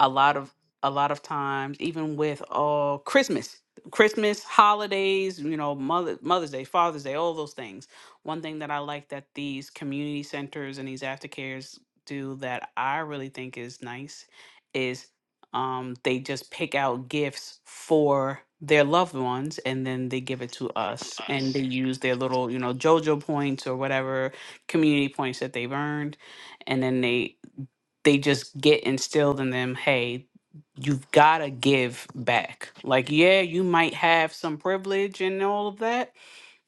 a lot of a lot of times even with uh christmas christmas holidays you know mother mother's day father's day all those things one thing that i like that these community centers and these aftercares do that i really think is nice is um they just pick out gifts for their loved ones and then they give it to us and they use their little you know jojo points or whatever community points that they've earned and then they they just get instilled in them hey you've got to give back like yeah you might have some privilege and all of that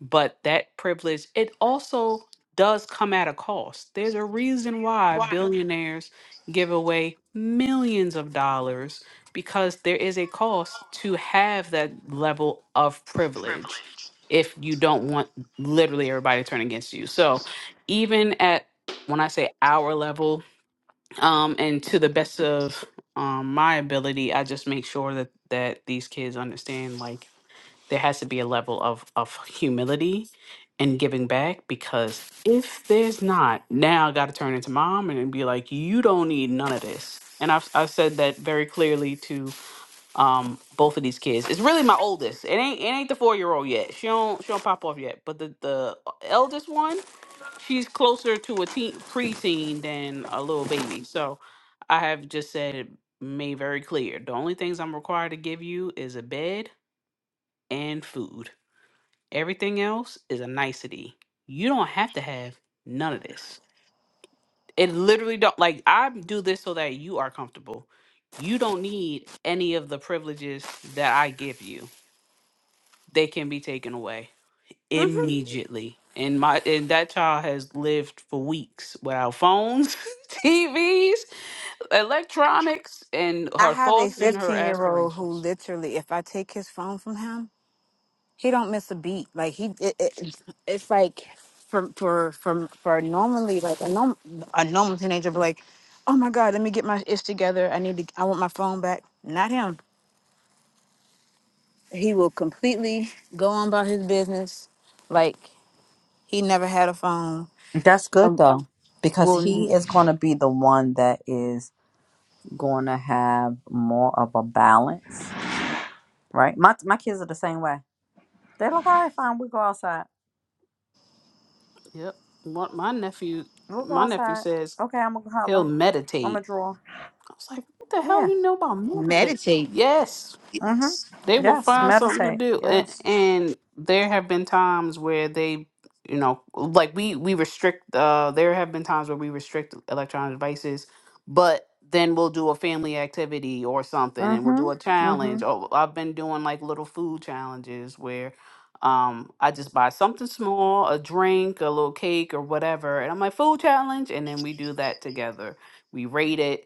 but that privilege it also does come at a cost there's a reason why billionaires give away millions of dollars because there is a cost to have that level of privilege if you don't want literally everybody to turn against you so even at when i say our level um, and to the best of um, my ability, I just make sure that that these kids understand like there has to be a level of of humility and giving back because if there's not, now I got to turn into mom and be like, you don't need none of this. And I've I've said that very clearly um both of these kids. It's really my oldest. It ain't it ain't the four year old yet. She don't she don't pop off yet. But the the uh, eldest one, she's closer to a teen preteen than a little baby. So I have just said it made very clear. The only things I'm required to give you is a bed and food. Everything else is a nicety. You don't have to have none of this. It literally don't like I do this so that you are comfortable. You don't need any of the privileges that I give you they can be taken away immediately. And my and that child has lived for weeks without phones, TVs, electronics, and
I
her
have a
thoughts and her
15 year old who
aspirations.
literally, if I take his phone from him, he don't miss a beat. Like he, it, it, it's like for for for for normally like a normal a normal teenager be like, oh my god, let me get my ish together. I need to. I want my phone back. Not him. He will completely go on about his business, like he never had a phone.
That's good
And
though, because
will
he is gonna be the one that is gonna have more of a balance, right? My my kids are the same way They're like, all right, fine, we go outside.
Yep. What my nephew
We'll go
my nephew
outside.
says
Okay, I'm gonna
he'll
holler. I'm gonna
meditate.
draw.
I was like, what the hell
Yeah.
you know about meditate?
meditate.
Yes.
Mm-hmm.
they will
Yes.
find something to
Meditate.
do and,
Yes.
and there have been times where they you know like we we restrict uh there have been times where we restrict electronic devices but then we'll do a family activity or something and we'll
Mm-hmm.
do a
Mm-hmm.
challenge oh i've been doing like little food challenges where um i just buy something small a drink a little cake or whatever and i'm like food challenge and then we do that together we rate it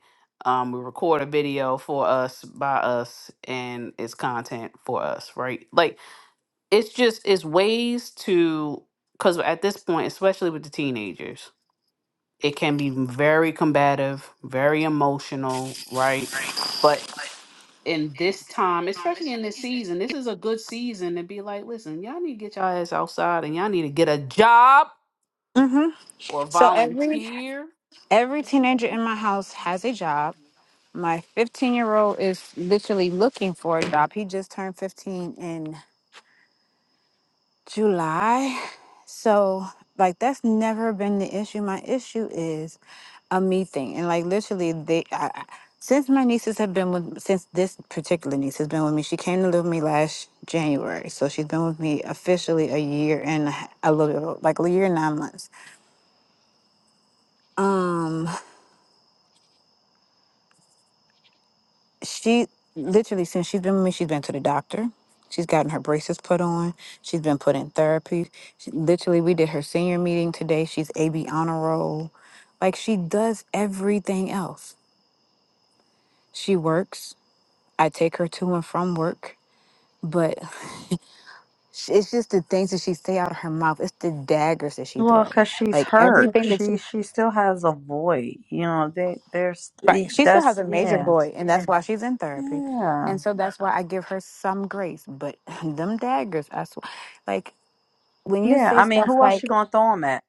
um, we record a video for us by us and it's content for us right like it's just it's ways to because at this point especially with the teenagers it can be very combative very emotional right but in this time especially in this season this is a good season to be like listen y'all need to get y'all ass outside and y'all need to get a job or
So every
volunteer
every teenager in my house has a job. My 15 year old is literally looking for a job. He just turned 15 in July. So like that's never been the issue. My issue is a me thing. And like literally they I, I- since my nieces have been with since this particular niece has been with me, she came to live with me last January. So she's been with me officially a year and a h- a little like a year and nine months. Um, she literally since she's been with me she's been to the doctor she's gotten her braces put on she's been put in therapy she, literally we did her senior meeting today she's ab honor roll like she does everything else she works i take her to and from work but sh- it's just the things that she say out of her mouth it's the daggers that she
Well,
throw
cause she's
like
hurt.
everything that she
She she still has a void. You know, they there's
right
e,
she still has
that's
a major
yeah.
void and that's why she's in therapy
Yeah.
and so that's why i give her some grace but them daggers i swear like when you
Yeah.
say
I mean,
stuff
who else you
like
gonna throw them at?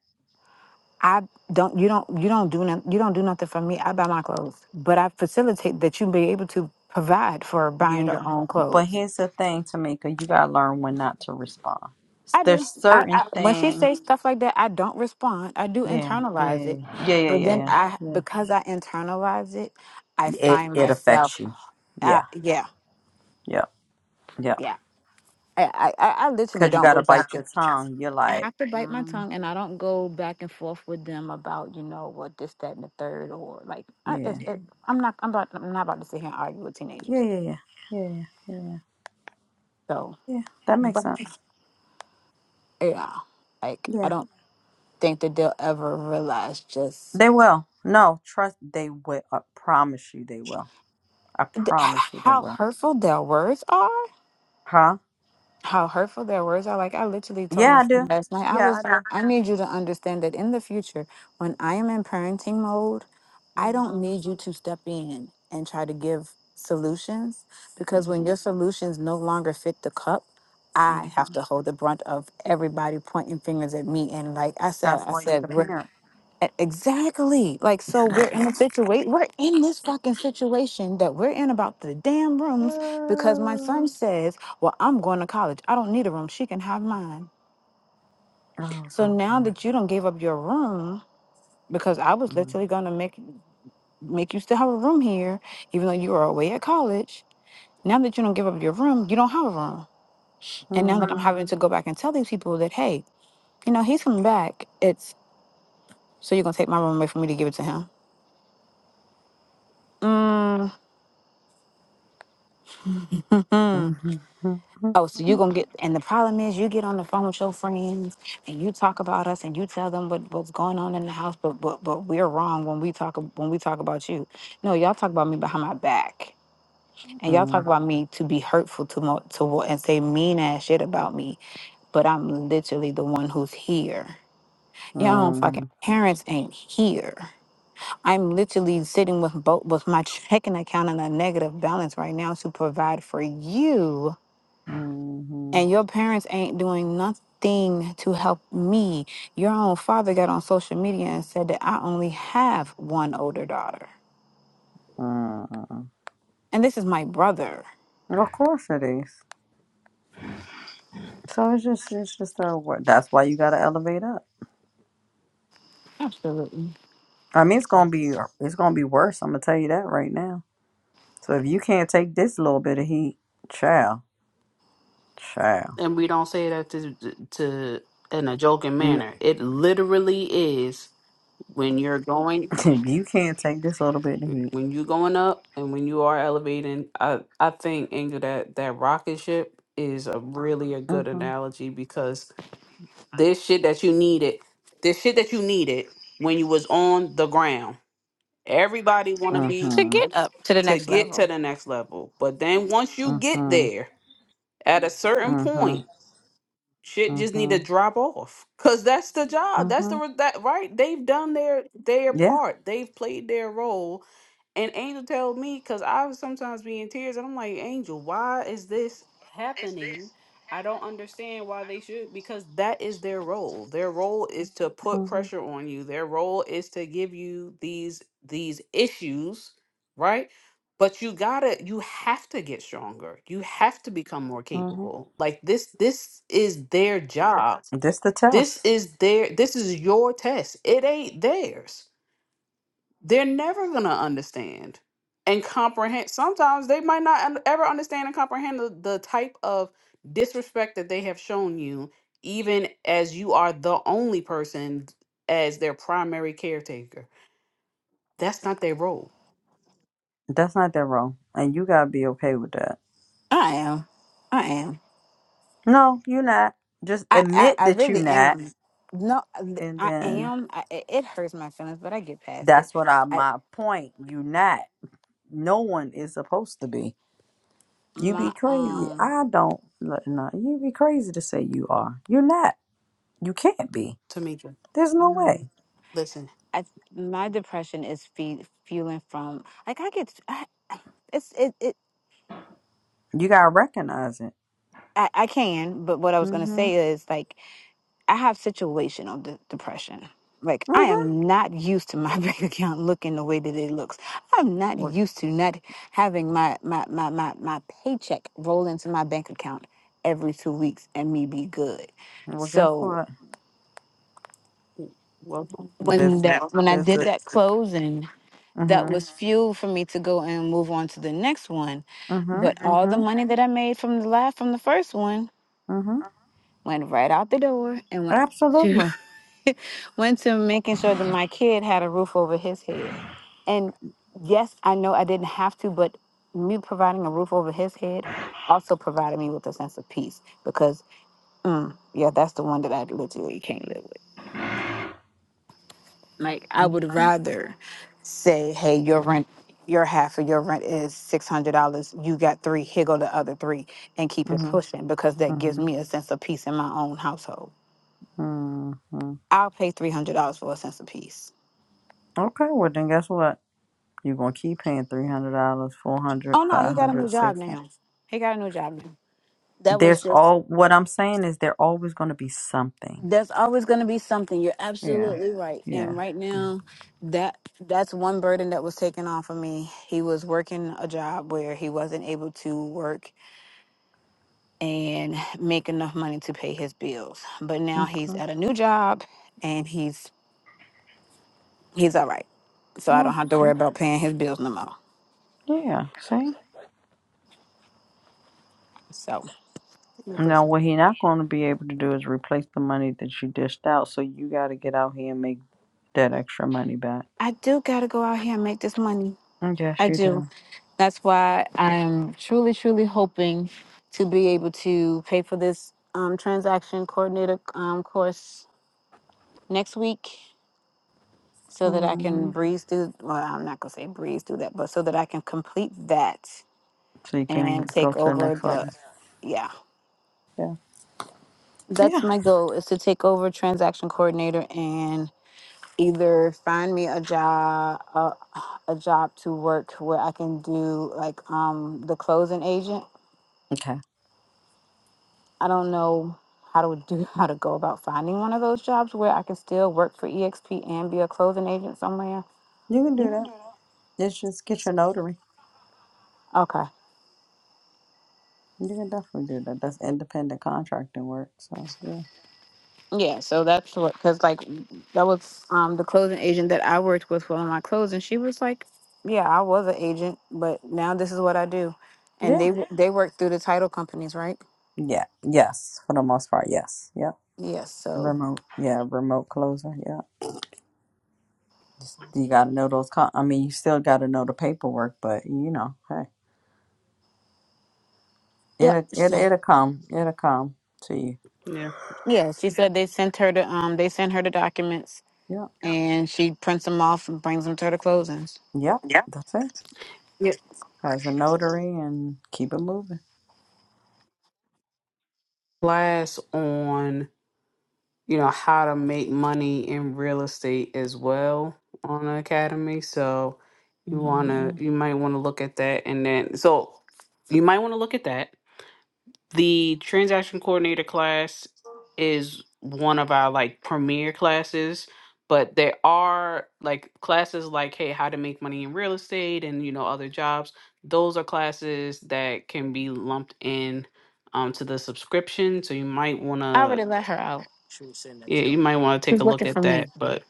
I don't you don't you don't do nothing you don't do nothing for me, I buy my clothes. But I facilitate that you be able to provide for
You
buying your
don't.
own
But
clothes.
here's the thing, Tamika, you gotta learn when not to respond.
I
There's
do. I,
certain
I when she
things.
says stuff like that, I don't respond. I do
Yeah. Yeah. Yeah.
internalize it.
Yeah. Yeah. Yeah.
But then
Yeah.
I
yeah.
because I internalize it, I
It
find
it
myself
affects you.
uh,
Yeah,
yeah,
yeah, yeah.
yeah. I, I, I I literally
Because you
don't go
gotta bite your
back.
tongue. You're
I
like,
have to bite my
mm,
tongue and I don't go back and forth with them about, you know, what this, that, and the third, or like, I, it's,
yeah,
it, I'm not, I'm about, I'm not about to sit here and argue with
yeah,
teenagers.
yeah, yeah, yeah, yeah, yeah.
So,
Yeah, That makes
but
sense.
yeah, like, I
Yeah,
don't think that they'll ever realize just
they will. No, trust. They will. I promise you, they will. I
th-
promise you, they
how
will.
hurtful their words are.
Huh?
how hurtful their words are. Like I literally told my
Yeah, I
son
do.
last night, I
Yeah,
was
I
like,
do.
I need you to understand that in the future, when I am in parenting mode, I don't
Mhm.
need you to step in and try to give solutions because when
Mhm.
your solutions no longer fit the cup, I
Mm.
have to hold the brunt of everybody pointing fingers at me. And like I said,
That's
I
why you're the
said, we're
parent.
E- Exactly. Like, so we're in a situation, we're in this fucking situation that we're in about the damn rooms because my son
oh
says, Well, I'm going to college. I don't need a room. She can have mine.
oh my
So now
god.
that you don't give up your room, because I was
Mhm.
literally going to make make you still have a room here, even though you were away at college. Now that you don't give up your room, you don't have a room. And now that I'm
Mhm.
having to go back and tell these people that, hey, you know, he's coming back. It's so you're gonna take my room away from me to give it to him. Mm.
Mhm.
Oh, so you gonna get and the problem is you get on the phone with your friends and you talk about us and you tell them what, what's going on in the house, but but but we're wrong when we talk ab- when we talk about you. No, y'all talk about me behind my back. And y'all talk
Mhm.
about me to be hurtful to mo- to what and say mean ass shit about me. But I'm literally the one who's here. Y'all don't
mhm.
fucking parents ain't here. I'm literally sitting with both with my checking account in a negative balance right now to provide for you
hmm
and your parents ain't doing nothing to help me. Your own father got on social media and said that I only have one older daughter,
mm
and this is my brother.
Of course it is. So it's just it's just a wor- that's why you gotta elevate up.
Absolutely.
I mean it's gonna be it's gonna be worse. I'm gonna tell you that right now. So if you can't take this little bit of heat, child, child,
and we don't say that to, to in a joking
N-
manner. It literally is when you're going
if you can't take this little bit of heat,
when you going up and when you are elevating. I I think Angel that that rocket ship is a really a good
mm-hmm,
analogy because this shit that you needed, this shit that you needed when you was on the ground. Everybody want to be
To
mm-hmm,
uh,
get up to the
to
next
get to
level,
the next level, but then once you get
mm-hmm,
there, at a certain
mm-hmm,
point. shit just need
mm-hmm,
to drop off because that's the job that's
mm-hmm,
the re- that right they've done their their
yeah,
part they've played their role and angel told me because i was sometimes be in tears and i'm like angel why is this happening i don't understand why they should because that is their role their role is to put
mm-hmm,
pressure on you their role is to give you these these issues right but you gotta you have to get stronger you have to become more
mm-hmm.
capable like this this is their job
This the
this
test.
is their this is your test it ain't theirs they're never gonna understand and comprehend sometimes they might not un- ever understand and comprehend the, the type of disrespect that they have shown you even as you are the only person as their primary caretaker that's not their role
That's not that wrong, and you gotta be okay with that.
I am. I am.
No, you're not. Just
I I,
admit
I
that you're
really
not,
am. No,
and
I
then
am. I, it it hurts my feelings, but I get past it.
that's what I
I
my point. You are not. No one is supposed to be. You be
my
crazy.
um.
I don't. look, No, you be crazy to say you are. You're not. You can't be.
tamika
There's no
mm,
way.
listen
I, my depression is fe- fueling from like I get I, it's it, it
You gotta recognize it.
I, I can, but what I was gonna
Mhm.
say is like I have situational de- depression. Like I
Mhm.
am not used to my bank account looking the way that it looks. I'm not
Well,
used to not having my my my my, my paycheck roll into my bank account every two weeks and me be good.
well, guess
So
what?
w- welcome
when
There's a.
that when I
There's
did
a.
that closing, that
Mhm.
was fuel for me to go and move on to the next one.
Mhm.
But all the
Mhm.
money that I made from the last from the first one
Mhm.
went right out the door and went to.
Absolutely.
went to making sure that my kid had a roof over his head. And yes, I know I didn't have to, but me providing a roof over his head also provided me with a sense of peace because, mm, yeah, that's the one that I literally can't live with. Like, I
Mhm.
would rather say, hey, your rent, your half of your rent is $600. You got three, here go the other three, and keep it
Mhm.
pushing because that gives
Mhm.
me a sense of peace in my own household.
Mhm.
I'll pay $300 for a sense of peace.
Okay. Well, then guess what? You're gonna keep paying three hundred dollars, four hundred,
Oh no,
five
he got a new
hundred,
job
six hundred.
now. He got a new job now. That was
There's
just
all what I'm saying is there always gonna be something.
that's always going to be something. You're
Yeah,
absolutely right. And
yeah,
right
yeah.
now, that that's one burden that was taken off of me. He was working a job where he wasn't able to work and make enough money to pay his bills. But now he's
Okay.
at a new job and he's he's all right. So I don't
Well,
have to worry
see,
about paying his bills no more.
yeah, see.
So
Listen.
Now what he not gonna be able to do is replace the money that you dished out. So you gotta get out here and make that extra money back.
I do got to go out here and make this money.
Yes,
I
you
do.
do.
That's why I'm truly, truly hoping to be able to pay for this um, transaction coordinator um, course next week so that I
hmm
can breeze through. Well, I'm not going to say breeze through that, but so that I can complete that
So you can
and
go
take
to the
over
next
the.
level.
Yeah,
Yeah.
that's
Yeah.
my goal is to take over transaction coordinator and either find me a job a, a job to work where I can do like um the closing agent
Okay.
I don't know how to do how to go about finding one of those jobs where I can still work for EXP and be a clothing agent somewhere.
You can do that. It's just get your notary.
Okay.
You can definitely do that. That's independent contracting work. So yeah.
Yeah, so that's what cuz like that was um the clothing agent that I worked with for my clothes and she was like, "Yeah, I was an agent, but now this is what I do." And
Yeah.
they w- they work through the title companies, right?
Yeah. Yes. For the most part, yes. Yep.
Yes, so
Remote. Yeah. Remote closer. Yeah. Just, you got to know those. Con- I mean, you still got to know the paperwork, but you know, hey,
Yep.
it it
so-
it'll come. It'll come to you.
Yeah.
Yeah, she said they sent her the um they sent her the documents
Yep.
and she prints them off and brings them to the closings.
Yep. That's it.
yeah.
As a notary and keep it moving.
Class on, you know, how to make money in real estate as well on the academy. So you wanna
hmm
you might wanna look at that and then so you might want to look at that The transaction coordinator class is one of our like premier classes, but there are like classes like, hey, how to make money in real estate and, you know, other jobs. Those are classes that can be lumped in um, to the subscription. So you might want
I
to,
already let her out.
yeah, you might want to take
She's
a look
looking for
at
me.
that. But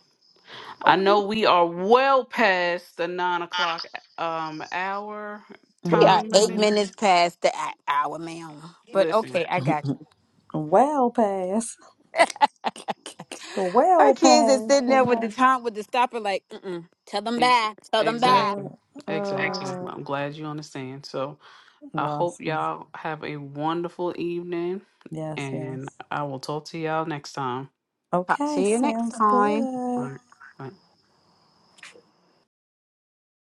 I know we are well past the nine o'clock um, hour
We are
time
eight
hmm
limits.
minutes past the h- hour, ma'am. But
Listen.
okay, I got you.
well past.
Her
Well
kids is
past.
sitting
But
there with the
not.
time with the stopper, like, mm mm. Tell them
Ex-
bye. Tell them bye.
Exactly.
Uh, oh
Thanks.
my
Exactly.
God.
Well, I'm glad you understand. So I hope
Awesome.
y'all have a wonderful evening
Yes,
and
yes.
I will talk to y'all next time.
Talk to
Okay,
you next
sounds
time.
good.
All right. Bye.